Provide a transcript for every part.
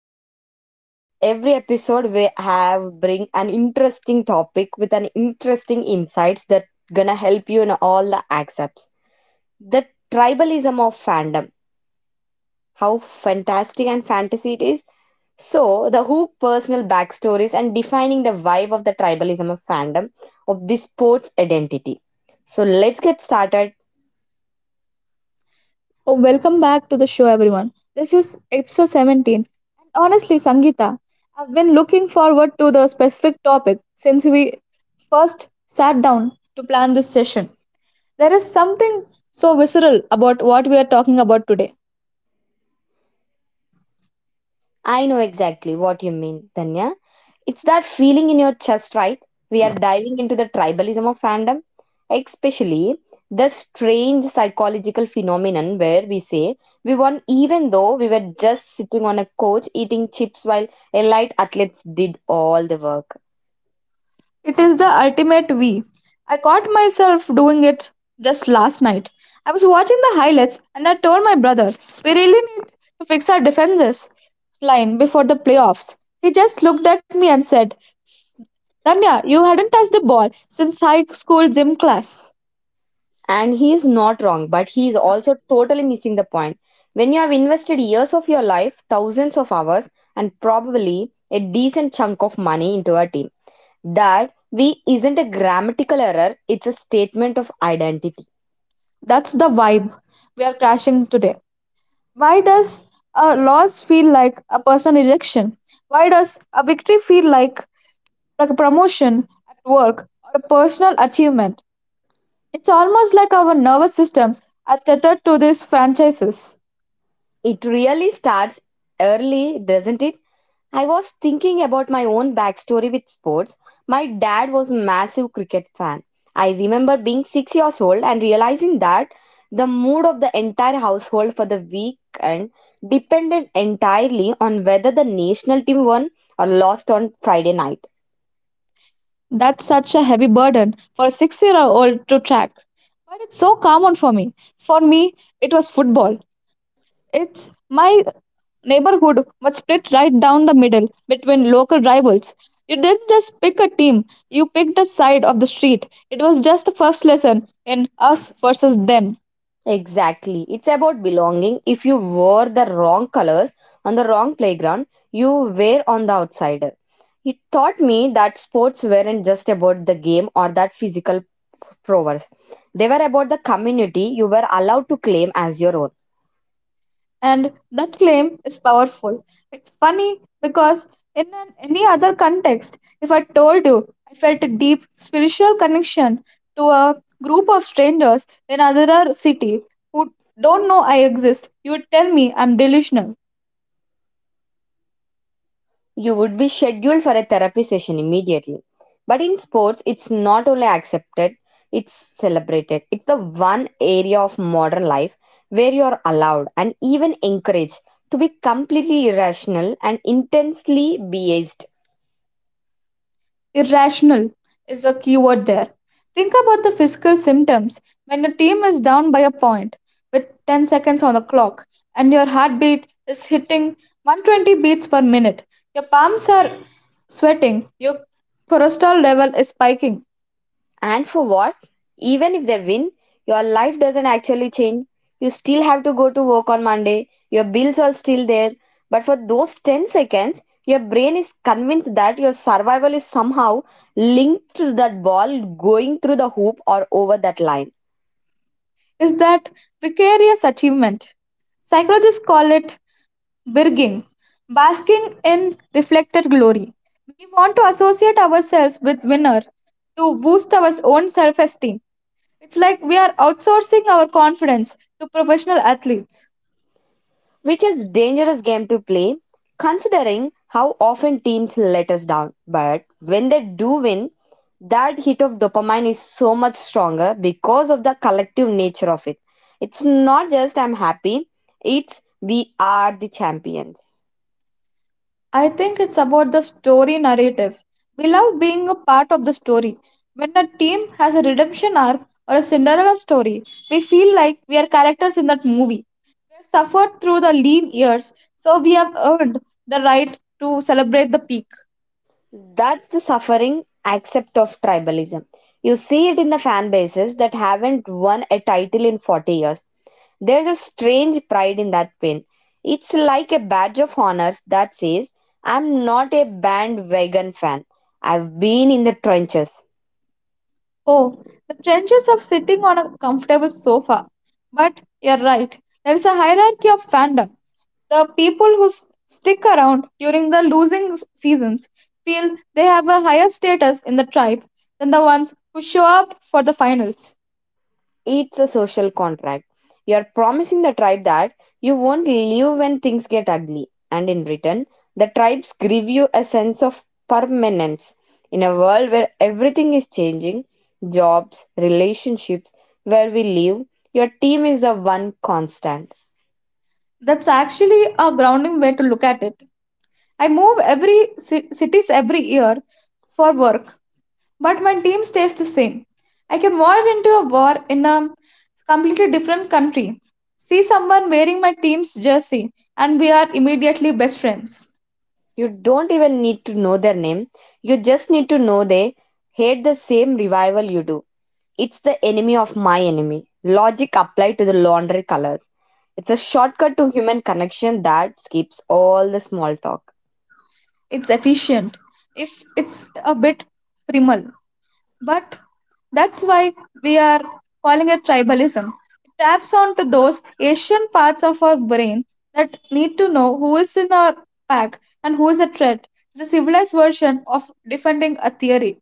As every episode, we have bring an interesting topic with an interesting insights that gonna help you in all the aspects. The tribalism of fandom, how fantastic and fantasy it is. So, the hook personal backstories and defining the vibe of the tribalism of fandom of this sport's identity. So, let's get started. Oh, welcome back to the show, everyone. This is episode 17. And honestly, Sangeeta, I've been looking forward to the specific topic since we first sat down to plan this session. There is something so visceral about what we are talking about today. I know exactly what you mean, Danya. It's that feeling in your chest, right? We are diving into the tribalism of fandom, especially the strange psychological phenomenon where we say we won even though we were just sitting on a couch eating chips while elite athletes did all the work. It is the ultimate we. I caught myself doing it just last night. I was watching the highlights and I told my brother, we really need to fix our defenses line before the playoffs. He just looked at me and said, Rania, you hadn't touched the ball since high school gym class. And he is not wrong, but he is also totally missing the point. When you have invested years of your life, thousands of hours, and probably a decent chunk of money into a team, that we isn't a grammatical error, it's a statement of identity. That's the vibe we are crashing today. Why does a loss feel like a personal rejection? Why does a victory feel like a promotion at work or a personal achievement? It's almost like our nervous systems are tethered to these franchises. It really starts early, doesn't it? I was thinking about my own backstory with sports. My dad was a massive cricket fan. I remember being 6 years old and realizing that the mood of the entire household for the weekend depended entirely on whether the national team won or lost on Friday night. That's such a heavy burden for a 6-year old to track. But it's so common for me. For me, it was football. It's my neighborhood was split right down the middle between local rivals. You didn't just pick a team, you picked a side of the street. It was just the first lesson in us versus them. Exactly. It's about belonging. If you wore the wrong colors on the wrong playground, you were on the outsider. It taught me that sports weren't just about the game or that physical prowess. They were about the community you were allowed to claim as your own. And that claim is powerful. It's funny because any other context, if I told you I felt a deep spiritual connection to a group of strangers in another city who don't know I exist, you would tell me I'm delusional. You would be scheduled for a therapy session immediately. But in sports, it's not only accepted, it's celebrated. It's the one area of modern life where you are allowed and even encouraged to be completely irrational and intensely biased. Irrational is a key word there. Think about the physical symptoms when your team is down by a point with 10 seconds on the clock and your heartbeat is hitting 120 beats per minute. Your palms are sweating, your cholesterol level is spiking. And for what? Even if they win, your life doesn't actually change. You still have to go to work on Monday, your bills are still there. But for those 10 seconds, your brain is convinced that your survival is somehow linked to that ball going through the hoop or over that line. Is that vicarious achievement? Psychologists call it birging, basking in reflected glory. We want to associate ourselves with winner to boost our own self esteem. It's like we are outsourcing our confidence to professional athletes. Which is dangerous game to play, considering how often teams let us down. But when they do win, that hit of dopamine is so much stronger because of the collective nature of it. It's not just I'm happy, it's we are the champions. I think it's about the story narrative. We love being a part of the story. When a team has a redemption arc or a Cinderella story, we feel like we are characters in that movie. We have suffered through the lean years, so we have earned the right to celebrate the peak. That's the suffering accept of tribalism. You see it in the fan bases that haven't won a title in 40 years. There's a strange pride in that pin. It's like a badge of honors that says, I'm not a bandwagon fan. I've been in the trenches. Oh, the trenches of sitting on a comfortable sofa. But you're right, there is a hierarchy of fandom. The people who stick around during the losing seasons feel they have a higher status in the tribe than the ones who show up for the finals. It's a social contract. You're promising the tribe that you won't leave when things get ugly. And in return, the tribes give you a sense of permanence. In a world where everything is changing, jobs, relationships, where we live, your team is the one constant. That's actually a grounding way to look at it. I move every cities every year for work, but my team stays the same. I can walk into a bar in a completely different country, see someone wearing my team's jersey, and we are immediately best friends. You don't even need to know their name. You just need to know they hate the same revival you do. It's the enemy of my enemy. Logic applied to the laundry colors. It's a shortcut to human connection that skips all the small talk. It's efficient, if it's a bit primal. But that's why we are calling it tribalism. It taps onto those Asian parts of our brain that need to know who is in our pack and who is a threat. It's a civilized version of defending a theory.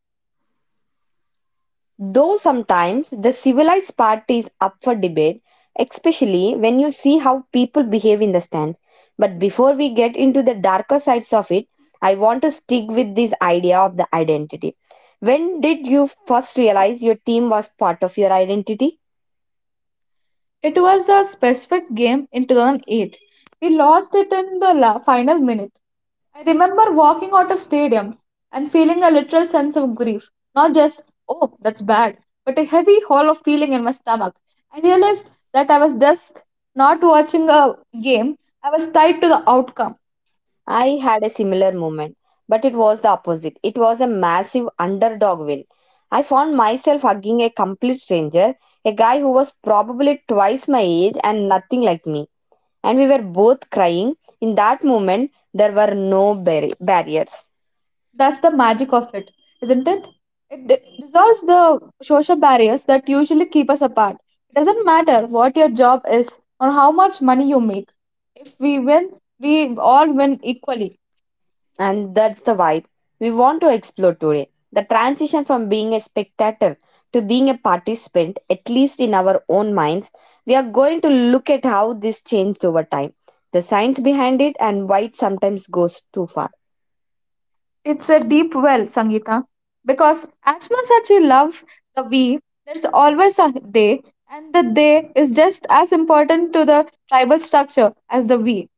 Though sometimes the civilized part is up for debate, especially when you see how people behave in the stands. But before we get into the darker sides of it, I want to stick with this idea of the identity. When did you first realize your team was part of your identity? It was a specific game in 2008. We lost it in the final minute. I remember walking out of stadium and feeling a literal sense of grief, not just oh that's bad, but a heavy hole of feeling in my stomach. I realized that I was just not watching a game, I was tied to the outcome. I had a similar moment, but it was the opposite. It was a massive underdog win. I found myself hugging a complete stranger, a guy who was probably twice my age and nothing like me, and we were both crying. In that moment, there were no barriers, That's the magic of it, isn't it? It dissolves the social barriers that usually keep us apart. It doesn't matter what your job is or how much money you make. If we win, we all win equally. and that's the vibe we want to explore today. The transition from being a spectator to being a participant, at least in our own minds, we are going to look at how this changed over time, the science behind it, and why it sometimes goes too far. It's a deep well, Sangeeta. Because as much as you love the we, there's always a they, and the they is just as important to the tribal structure as the we.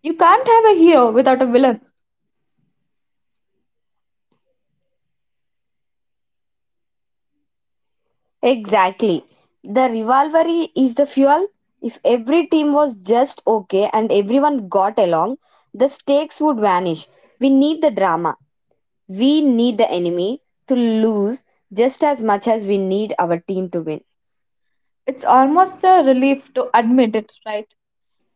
You can't have a hero without a villain. Exactly. The rivalry is the fuel. If every team was just okay and everyone got along, the stakes would vanish. We need the drama. We need the enemy to lose just as much as we need our team to win. It's almost a relief to admit it, right?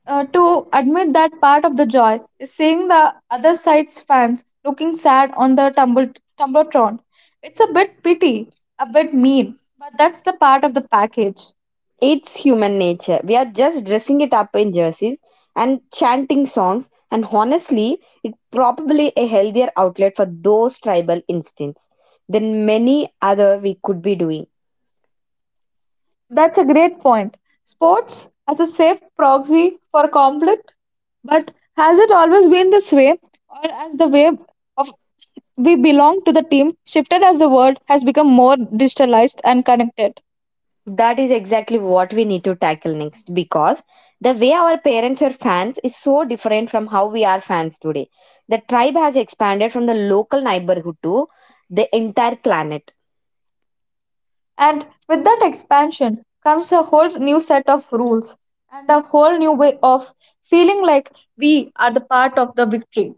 To admit that part of the joy is seeing the other side's fans looking sad on the tumble, Tumbletron. It's a bit pity, a bit mean, but that's the part of the package. It's human nature. We are just dressing it up in jerseys and chanting songs, and honestly, it's probably a healthier outlet for those tribal instincts than many other we could be doing. That's a great point. Sports as a safe proxy for conflict, but has it always been this way, or as the way of we belong to the team shifted as the world has become more digitalized and connected? That is exactly what we need to tackle next, because the way our parents were fans is so different from how we are fans today. The tribe has expanded from the local neighborhood to the entire planet. And with that expansion comes a whole new set of rules and a whole new way of feeling like we are the part of the victory.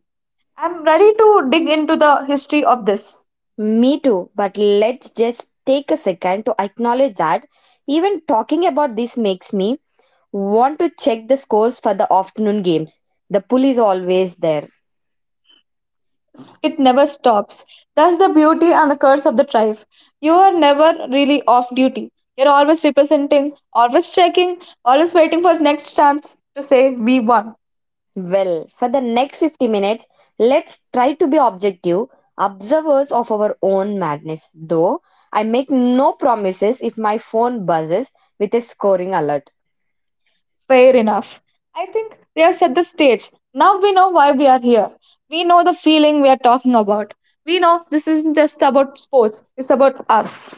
I'm ready to dig into the history of this. Me too, but let's just take a second to acknowledge that even talking about this makes me want to check the scores for the afternoon games. The pull is always there. It never stops. That's the beauty and the curse of the tribe. You are never really off duty. You're always representing, always checking, always waiting for the next chance to say we won. Well, for the next 50 minutes, let's try to be objective, observers of our own madness. Though I make no promises if my phone buzzes with a scoring alert. Fair enough. I think we have set the stage. Now we know why we are here. We know the feeling we are talking about. We know this isn't just about sports, it's about us.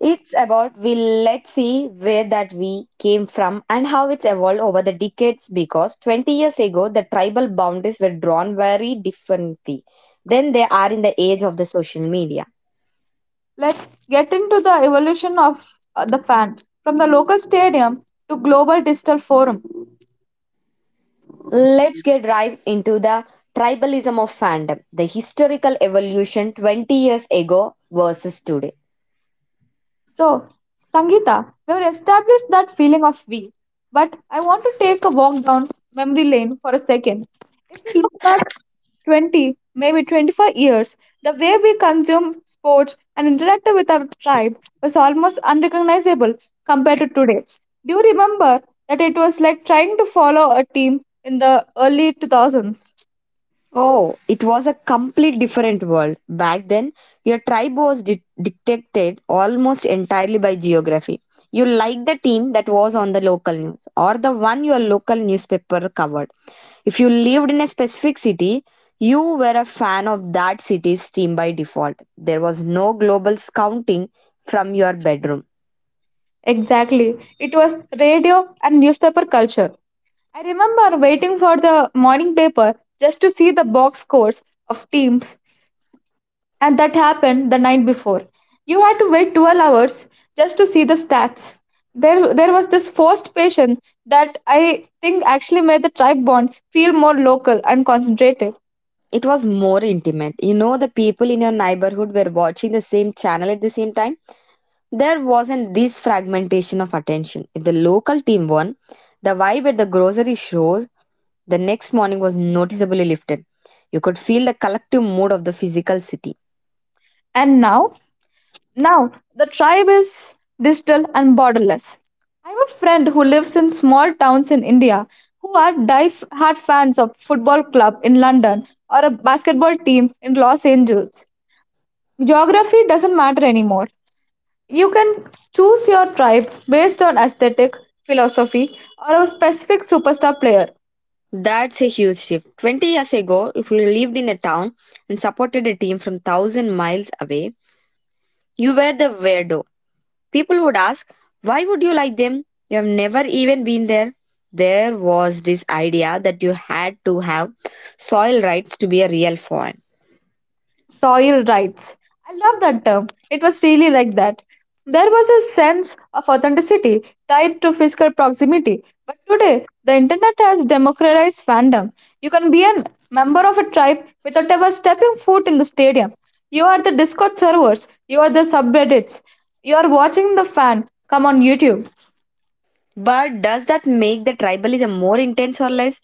It's about we. Let's see where that we came from and how it's evolved over the decades, because 20 years ago the tribal boundaries were drawn very differently than they are in the age of the social media. Let's get into the evolution of the fan from the local stadium to global digital forum. Let's get right into the tribalism of fandom, the historical evolution 20 years ago versus today. So, Sangeeta, we have established that feeling of we, but I want to take a walk down memory lane for a second. If we look back 20, maybe 25 years, the way we consume sports and interact with our tribe was almost unrecognizable compared to today. Do you remember that it was like trying to follow a team in the early 2000s? Oh, it was a complete different world. Back then, your tribe was dictated almost entirely by geography. You liked the team that was on the local news or the one your local newspaper covered. If you lived in a specific city, you were a fan of that city's team by default. There was no global scouting from your bedroom. Exactly. It was radio and newspaper culture. I remember waiting for the morning paper just to see the box scores of teams, and that happened the night before. You had to wait 12 hours just to see the stats. There was this forced patience that I think actually made the tribe bond feel more local and concentrated. It was more intimate. You know, the people in your neighborhood were watching the same channel at the same time. There wasn't this fragmentation of attention. If the local team won, the vibe at the grocery store the next morning was noticeably lifted. You could feel the collective mood of the physical city. And now, the tribe is digital and borderless. I have a friend who lives in small towns in India who are die-hard fans of football club in London or a basketball team in Los Angeles. Geography doesn't matter anymore. You can choose your tribe based on aesthetic, philosophy, or a specific superstar player. That's a huge shift. 20 years ago, if you lived in a town and supported a team from 1,000 miles away, you were the weirdo. People would ask, why would you like them? You have never even been there. There was this idea that you had to have soil rights to be a real fan. Soil rights. I love that term. It was really like that. There was a sense of authenticity tied to physical proximity. But today, the internet has democratized fandom. You can be a member of a tribe without ever stepping foot in the stadium. You are the Discord servers, you are the subreddits, you are watching the fan come on YouTube. But does that make the tribalism more intense or less?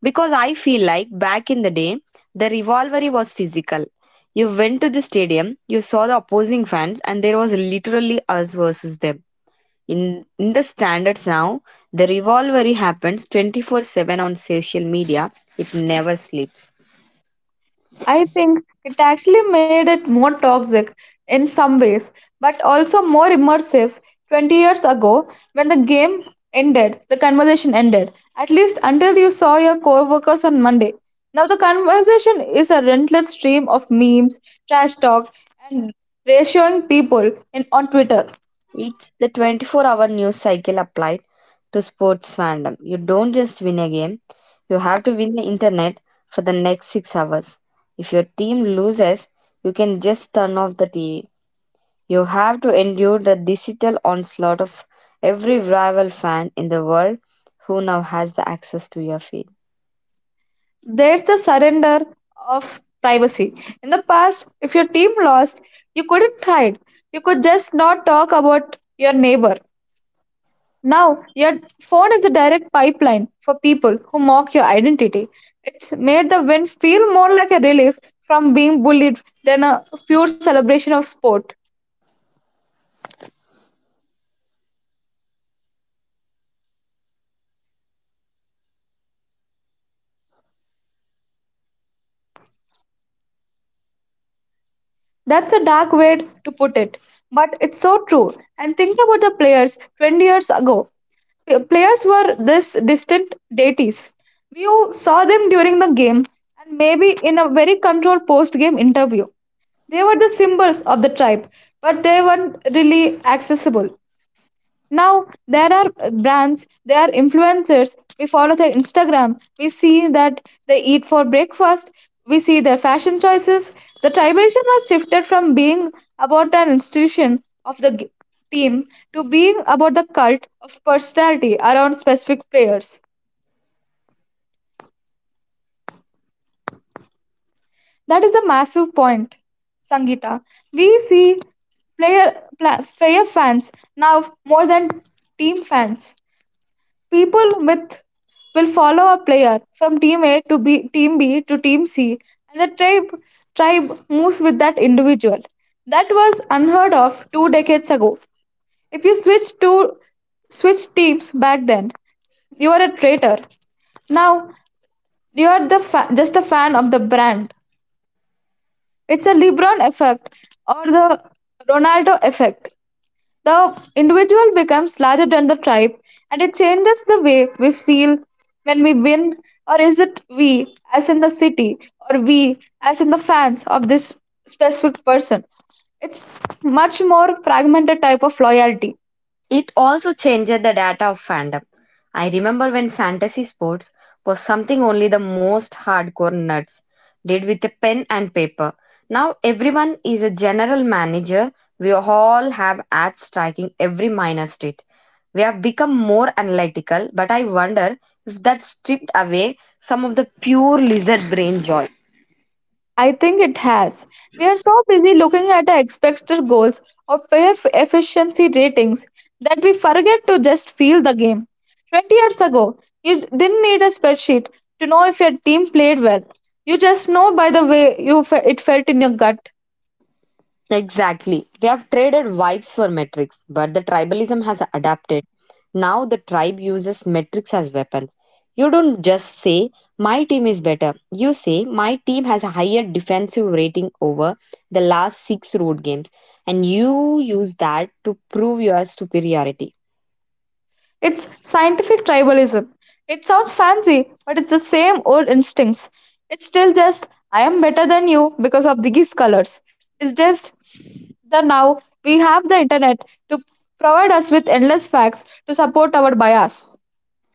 Because I feel like back in the day, the rivalry was physical. You went to the stadium, you saw the opposing fans, and there was literally us versus them. In the standards now, the rivalry happens 24/7 on social media. It never sleeps. I think it actually made it more toxic in some ways, but also more immersive. 20 years ago, when the game ended, the conversation ended, at least until you saw your coworkers on Monday. Now, the conversation is a relentless stream of memes, trash talk, and ratioing people on Twitter. It's the 24-hour news cycle applied to sports fandom. You don't just win a game, you have to win the internet for the next 6 hours. If your team loses, you can just turn off the TV. You have to endure the digital onslaught of every rival fan in the world who now has the access to your feed. There's the surrender of privacy. In the past, if your team lost, you couldn't hide, you could just not talk about your neighbor. Now, your phone is a direct pipeline for people who mock your identity. It's made the win feel more like a relief from being bullied than a pure celebration of sport. That's a dark way to put it, but it's so true. And think about the players 20 years ago. P- Players were this distant deities. You saw them during the game and maybe in a very controlled post game interview. They were the symbols of the tribe, but they weren't really accessible. Now there are brands, there are influencers. We follow their Instagram. We see that they eat for breakfast. We see their fashion choices. The tribalism has shifted from being about the institution of the team to being about the cult of personality around specific players. That is a massive point, Sangeeta. We see player player fans now more than team fans. People with will follow a player from team A to B, team B to team C, and the tribe moves with that individual. That was unheard of two decades ago. If you switch teams back then, you are a traitor. Now you are just a fan of the brand. It's a LeBron effect or the Ronaldo effect. The individual becomes larger than the tribe, and it changes the way we feel when we win. Or is it we as in the city, or we as in the fans of this specific person? It's much more fragmented type of loyalty. It also changed the data of fandom. I remember when fantasy sports was something only the most hardcore nuts did with a pen and paper. Now everyone is a general manager. We all have ads tracking every minor street. We have become more analytical, but I wonder if that stripped away some of the pure lizard brain joy. I think it has. We are so busy looking at our expected goals or player efficiency ratings that we forget to just feel the game. 20 years ago, you didn't need a spreadsheet to know if your team played well. You just know by the way you it felt in your gut. Exactly. We have traded vibes for metrics, but the tribalism has adapted. Now the tribe uses metrics as weapons. You don't just say, my team is better. You say, my team has a higher defensive rating over the last six road games. And you use that to prove your superiority. It's scientific tribalism. It sounds fancy, but it's the same old instincts. It's still just, I am better than you because of these colors. It's just that now we have the internet to provide us with endless facts to support our bias.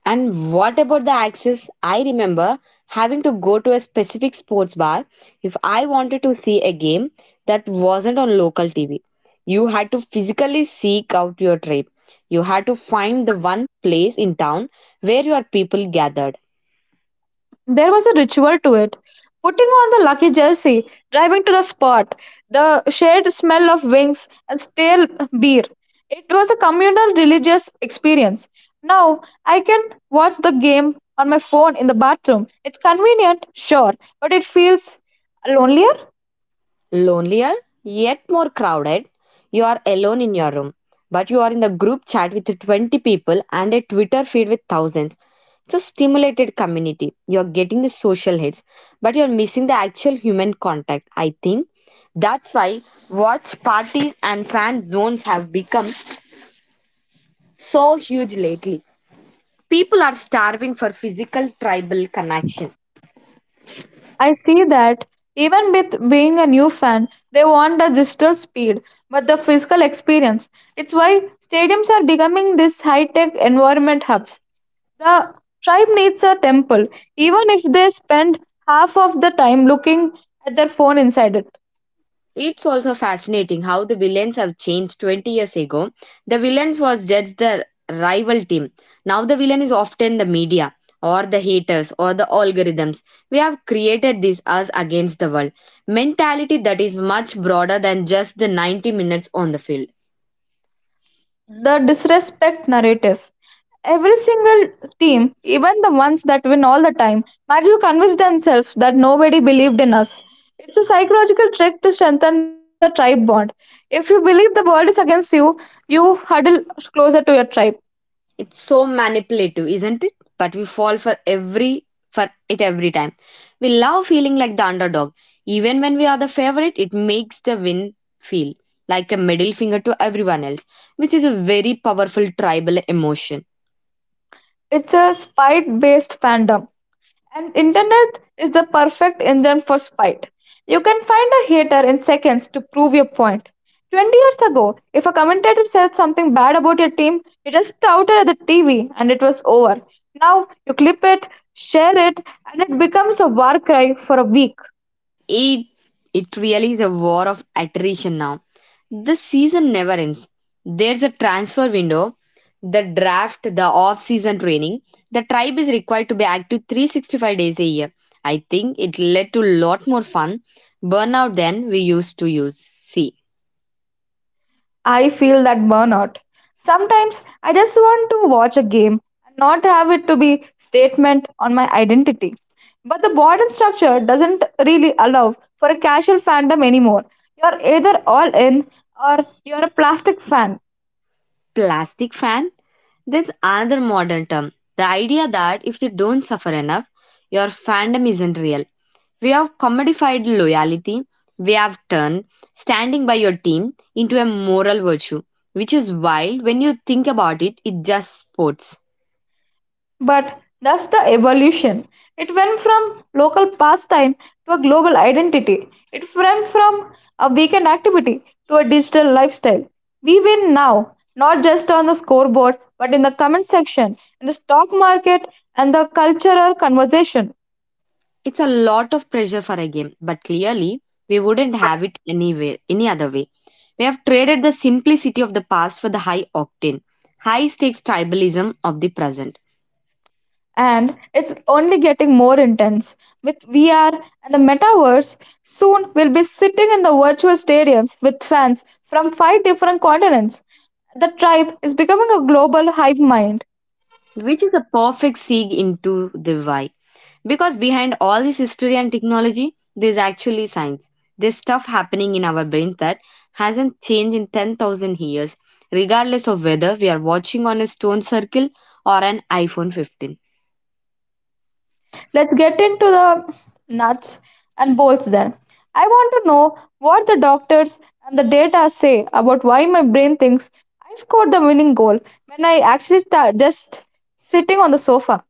And what about the access? I remember having to go to a specific sports bar if I wanted to see a game that wasn't on local TV. You had to physically seek out your trip. You had to find the one place in town where your people gathered. There was a ritual to it. Putting on the lucky jersey, driving to the spot, the shared smell of wings and stale beer. It was a communal religious experience. Now I can watch the game on my phone in the bathroom. It's convenient, sure, but it feels lonelier. Lonelier, yet more crowded. You are alone in your room, but you are in the group chat with 20 people and a Twitter feed with thousands. It's a stimulated community. You're getting the social hits, but you're missing the actual human contact. I think that's why watch parties and fan zones have become so huge lately. People are starving for physical tribal connection. I see that even with being a new fan, they want the digital speed, but the physical experience. It's why stadiums are becoming these high tech environment hubs. The tribe needs a temple, even if they spend half of the time looking at their phone inside it. It's also fascinating how the villains have changed 20 years ago. The villains was just the rival team. Now the villain is often the media or the haters or the algorithms. We have created this us against the world mentality that is much broader than just the 90 minutes on the field. The disrespect narrative. Every single team, even the ones that win all the time, manage to convince themselves that nobody believed in us. It's a psychological trick to strengthen the tribe bond. If you believe the world is against you, you huddle closer to your tribe. It's so manipulative, isn't it? But we fall for it every time. We love feeling like the underdog. Even when we are the favorite, it makes the win feel like a middle finger to everyone else, which is a very powerful tribal emotion. It's a spite based fandom. And internet is the perfect engine for spite. You can find a hater in seconds to prove your point. 20 years ago, if a commentator said something bad about your team, you just shouted at the TV and it was over. Now you clip it, share it, and it becomes a war cry for a week. It it really is a war of attrition now. This season never ends. There's a transfer window, the draft, the off season training. The tribe is required to be active 365 days a year. I think it led to a lot more fun burnout than we used to use. See, I feel that burnout. Sometimes I just want to watch a game and not have it to be statement on my identity. But the modern structure doesn't really allow for a casual fandom anymore. You're either all in or you're a plastic fan. plastic fan? There's another modern term. The idea that if you don't suffer enough, your fandom isn't real. We have commodified loyalty. We have turned standing by your team into a moral virtue, which is wild when you think about it. It just sports. But that's the evolution. It went from local pastime to a global identity. It went from a weekend activity to a digital lifestyle. We win now, not just on the scoreboard, but in the comment section, in the stock market, and the cultural conversation. It's a lot of pressure for a game, but clearly we wouldn't have it anyway, any other way. We have traded the simplicity of the past for the high octane, high stakes tribalism of the present. And it's only getting more intense. With VR and the metaverse, soon we'll be sitting in the virtual stadiums with fans from five different continents. The tribe is becoming a global hive mind. Which is a perfect segue into the why. Because behind all this history and technology, there's actually science. There's stuff happening in our brain that hasn't changed in 10,000 years, regardless of whether we are watching on a stone circle or an iPhone 15. Let's get into the nuts and bolts then. I want to know what the doctors and the data say about why my brain thinks I scored the winning goal when I actually just sitting on the sofa.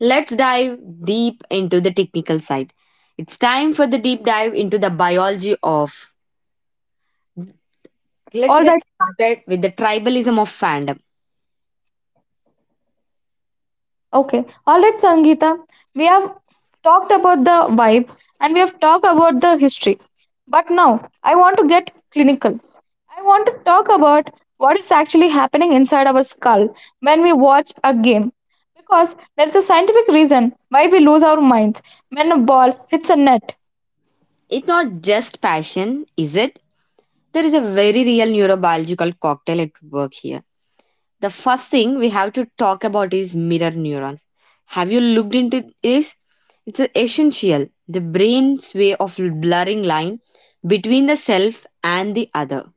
Let's dive deep into the technical side. It's time for the deep dive into the biology of. Let's All get right, started with the tribalism of fandom. okay. All right, Sangeeta. We have talked about the vibe and we have talked about the history. But now I want to get clinical. I want to talk about what is actually happening inside our skull when we watch a game. Because there is a scientific reason why we lose our minds when a ball hits a net. It's not just passion, is it? There is a very real neurobiological cocktail at work here. The first thing we have to talk about is mirror neurons. Have you looked into this? It's essential. The brain's way of blurring line between the self and the other.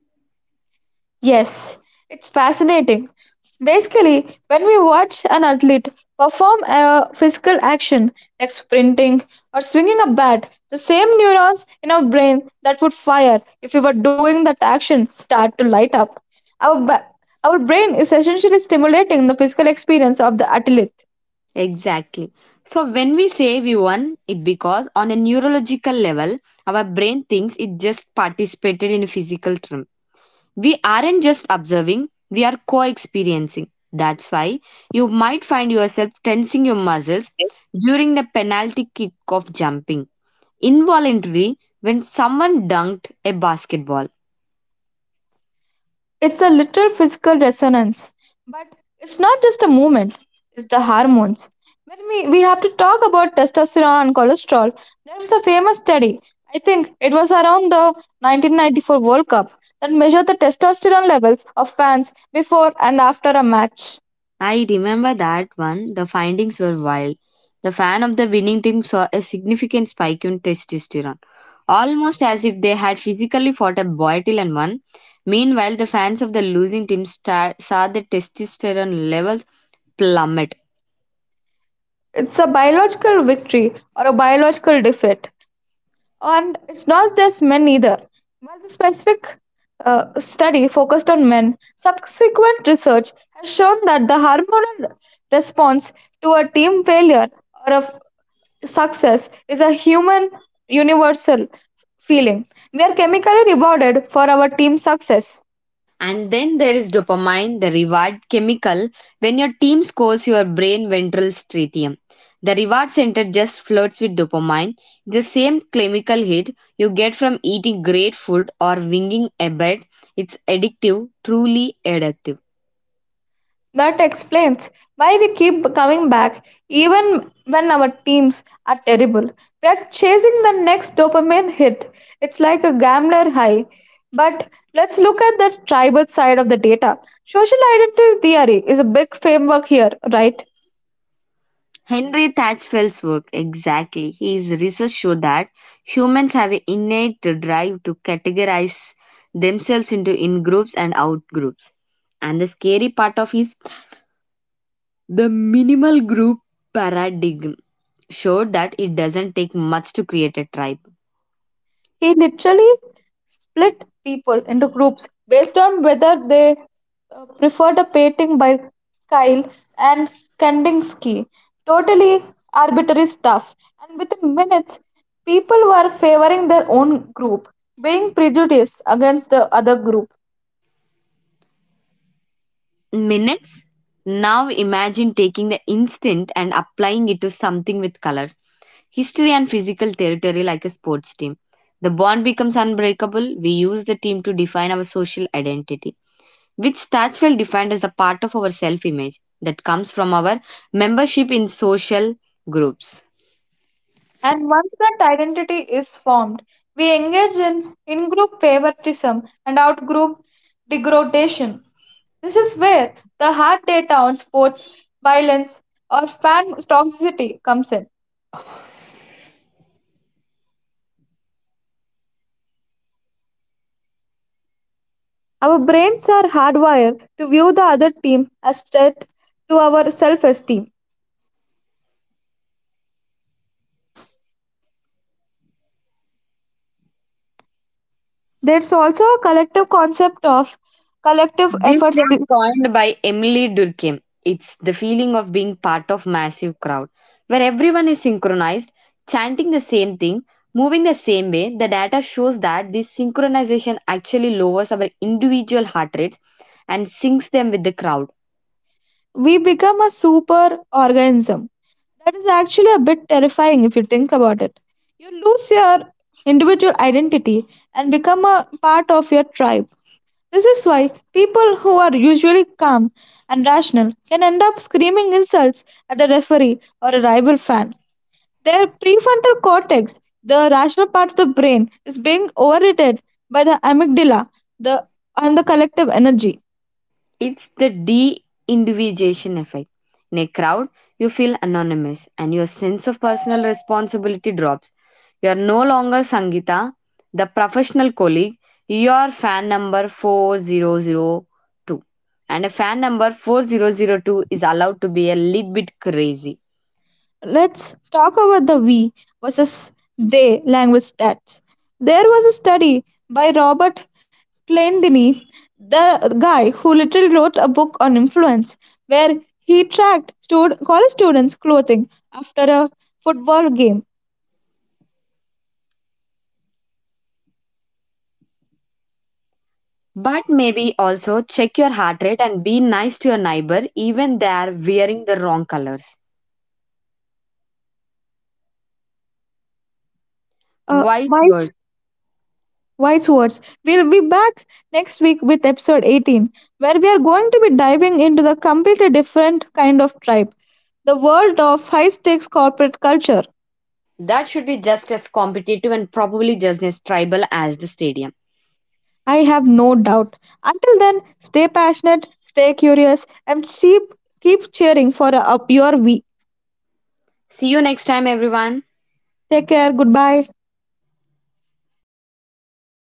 Yes, it's fascinating. Basically, when we watch an athlete perform a physical action like sprinting or swinging a bat, the same neurons in our brain that would fire if we were doing that action start to light up. Our, ba- our brain is essentially stimulating the physical experience of the athlete. Exactly. So when we say we won, it because on a neurological level, our brain thinks it just participated in a physical term. We aren't just observing, we are co experiencing. That's why you might find yourself tensing your muscles during the penalty kick of jumping involuntarily when someone dunked a basketball. It's a literal physical resonance. But it's not just a movement, it's the hormones. We have to talk about testosterone and cholesterol. There was a famous study, I think it was around the 1994 World Cup, that measured the testosterone levels of fans before and after a match. I remember that one, the findings were wild. The fan of the winning team saw a significant spike in testosterone, almost as if they had physically fought a battle and won. Meanwhile, the fans of the losing team saw the testosterone levels plummet. It's a biological victory or a biological defeat. And it's not just men either. While the specific study focused on men, subsequent research has shown that the hormonal response to a team failure or a success is a human universal feeling. We are chemically rewarded for our team success. And then there is dopamine, the reward chemical. When your team scores your brain ventral stratum, the reward center just flirts with dopamine, the same chemical hit you get from eating great food or winging a bet. It's addictive, truly addictive. That explains why we keep coming back even when our teams are terrible. We are chasing the next dopamine hit. It's like a gambler high. But let's look at the tribal side of the data. Social identity theory is a big framework here, right? Henry Thatchfell's work, exactly. His research showed that humans have an innate drive to categorize themselves into in groups and out groups. And the scary part of his, the minimal group paradigm showed that it doesn't take much to create a tribe. He literally split people into groups based on whether they preferred a painting by Kyle and Kandinsky. Totally arbitrary stuff. And within minutes, people were favoring their own group, being prejudiced against the other group. Minutes? Now imagine taking the instinct and applying it to something with colors, history, and physical territory like a sports team. The bond becomes unbreakable. We use the team to define our social identity, which Stachfeld defined as a part of our self image that comes from our membership in social groups. And once that identity is formed, we engage in group favoritism and out group degradation. This is where the hard data on sports, violence, or fan toxicity comes in. Our brains are hardwired to view the other team as threat to our self esteem. There's also a collective concept of collective This efforts. was coined by Emily Durkheim. It's the feeling of being part of massive crowd where everyone is synchronized, chanting the same thing, moving the same way. The data shows that this synchronization actually lowers our individual heart rates and syncs them with the crowd. We become a super organism. That is actually a bit terrifying if you think about it. You lose your individual identity and become a part of your tribe. This is why people who are usually calm and rational can end up screaming insults at the referee or a rival fan. Their prefrontal cortex, the rational part of the brain, is being overridden by the amygdala the, and the collective energy. It's the de individuation effect. In a crowd, you feel anonymous and your sense of personal responsibility drops. You are no longer Sangita, the professional colleague. You are fan number 4002. And a fan number 4002 is allowed to be a little bit crazy. Let's talk about the we versus they language stat. There was a study by Robert Clendini, the guy who literally wrote a book on influence, where he tracked college students' clothing after a football game. But maybe also check your heart rate and be nice to your neighbor even they are wearing the wrong colors. Wise Wise, words. wise words. We'll be back next week with episode 18, where we are going to be diving into the completely different kind of tribe, the world of high stakes corporate culture. That should be just as competitive and probably just as tribal as the stadium. I have no doubt. Until then, stay passionate, stay curious, and keep cheering for your we. See you next time, everyone. Take care. Goodbye.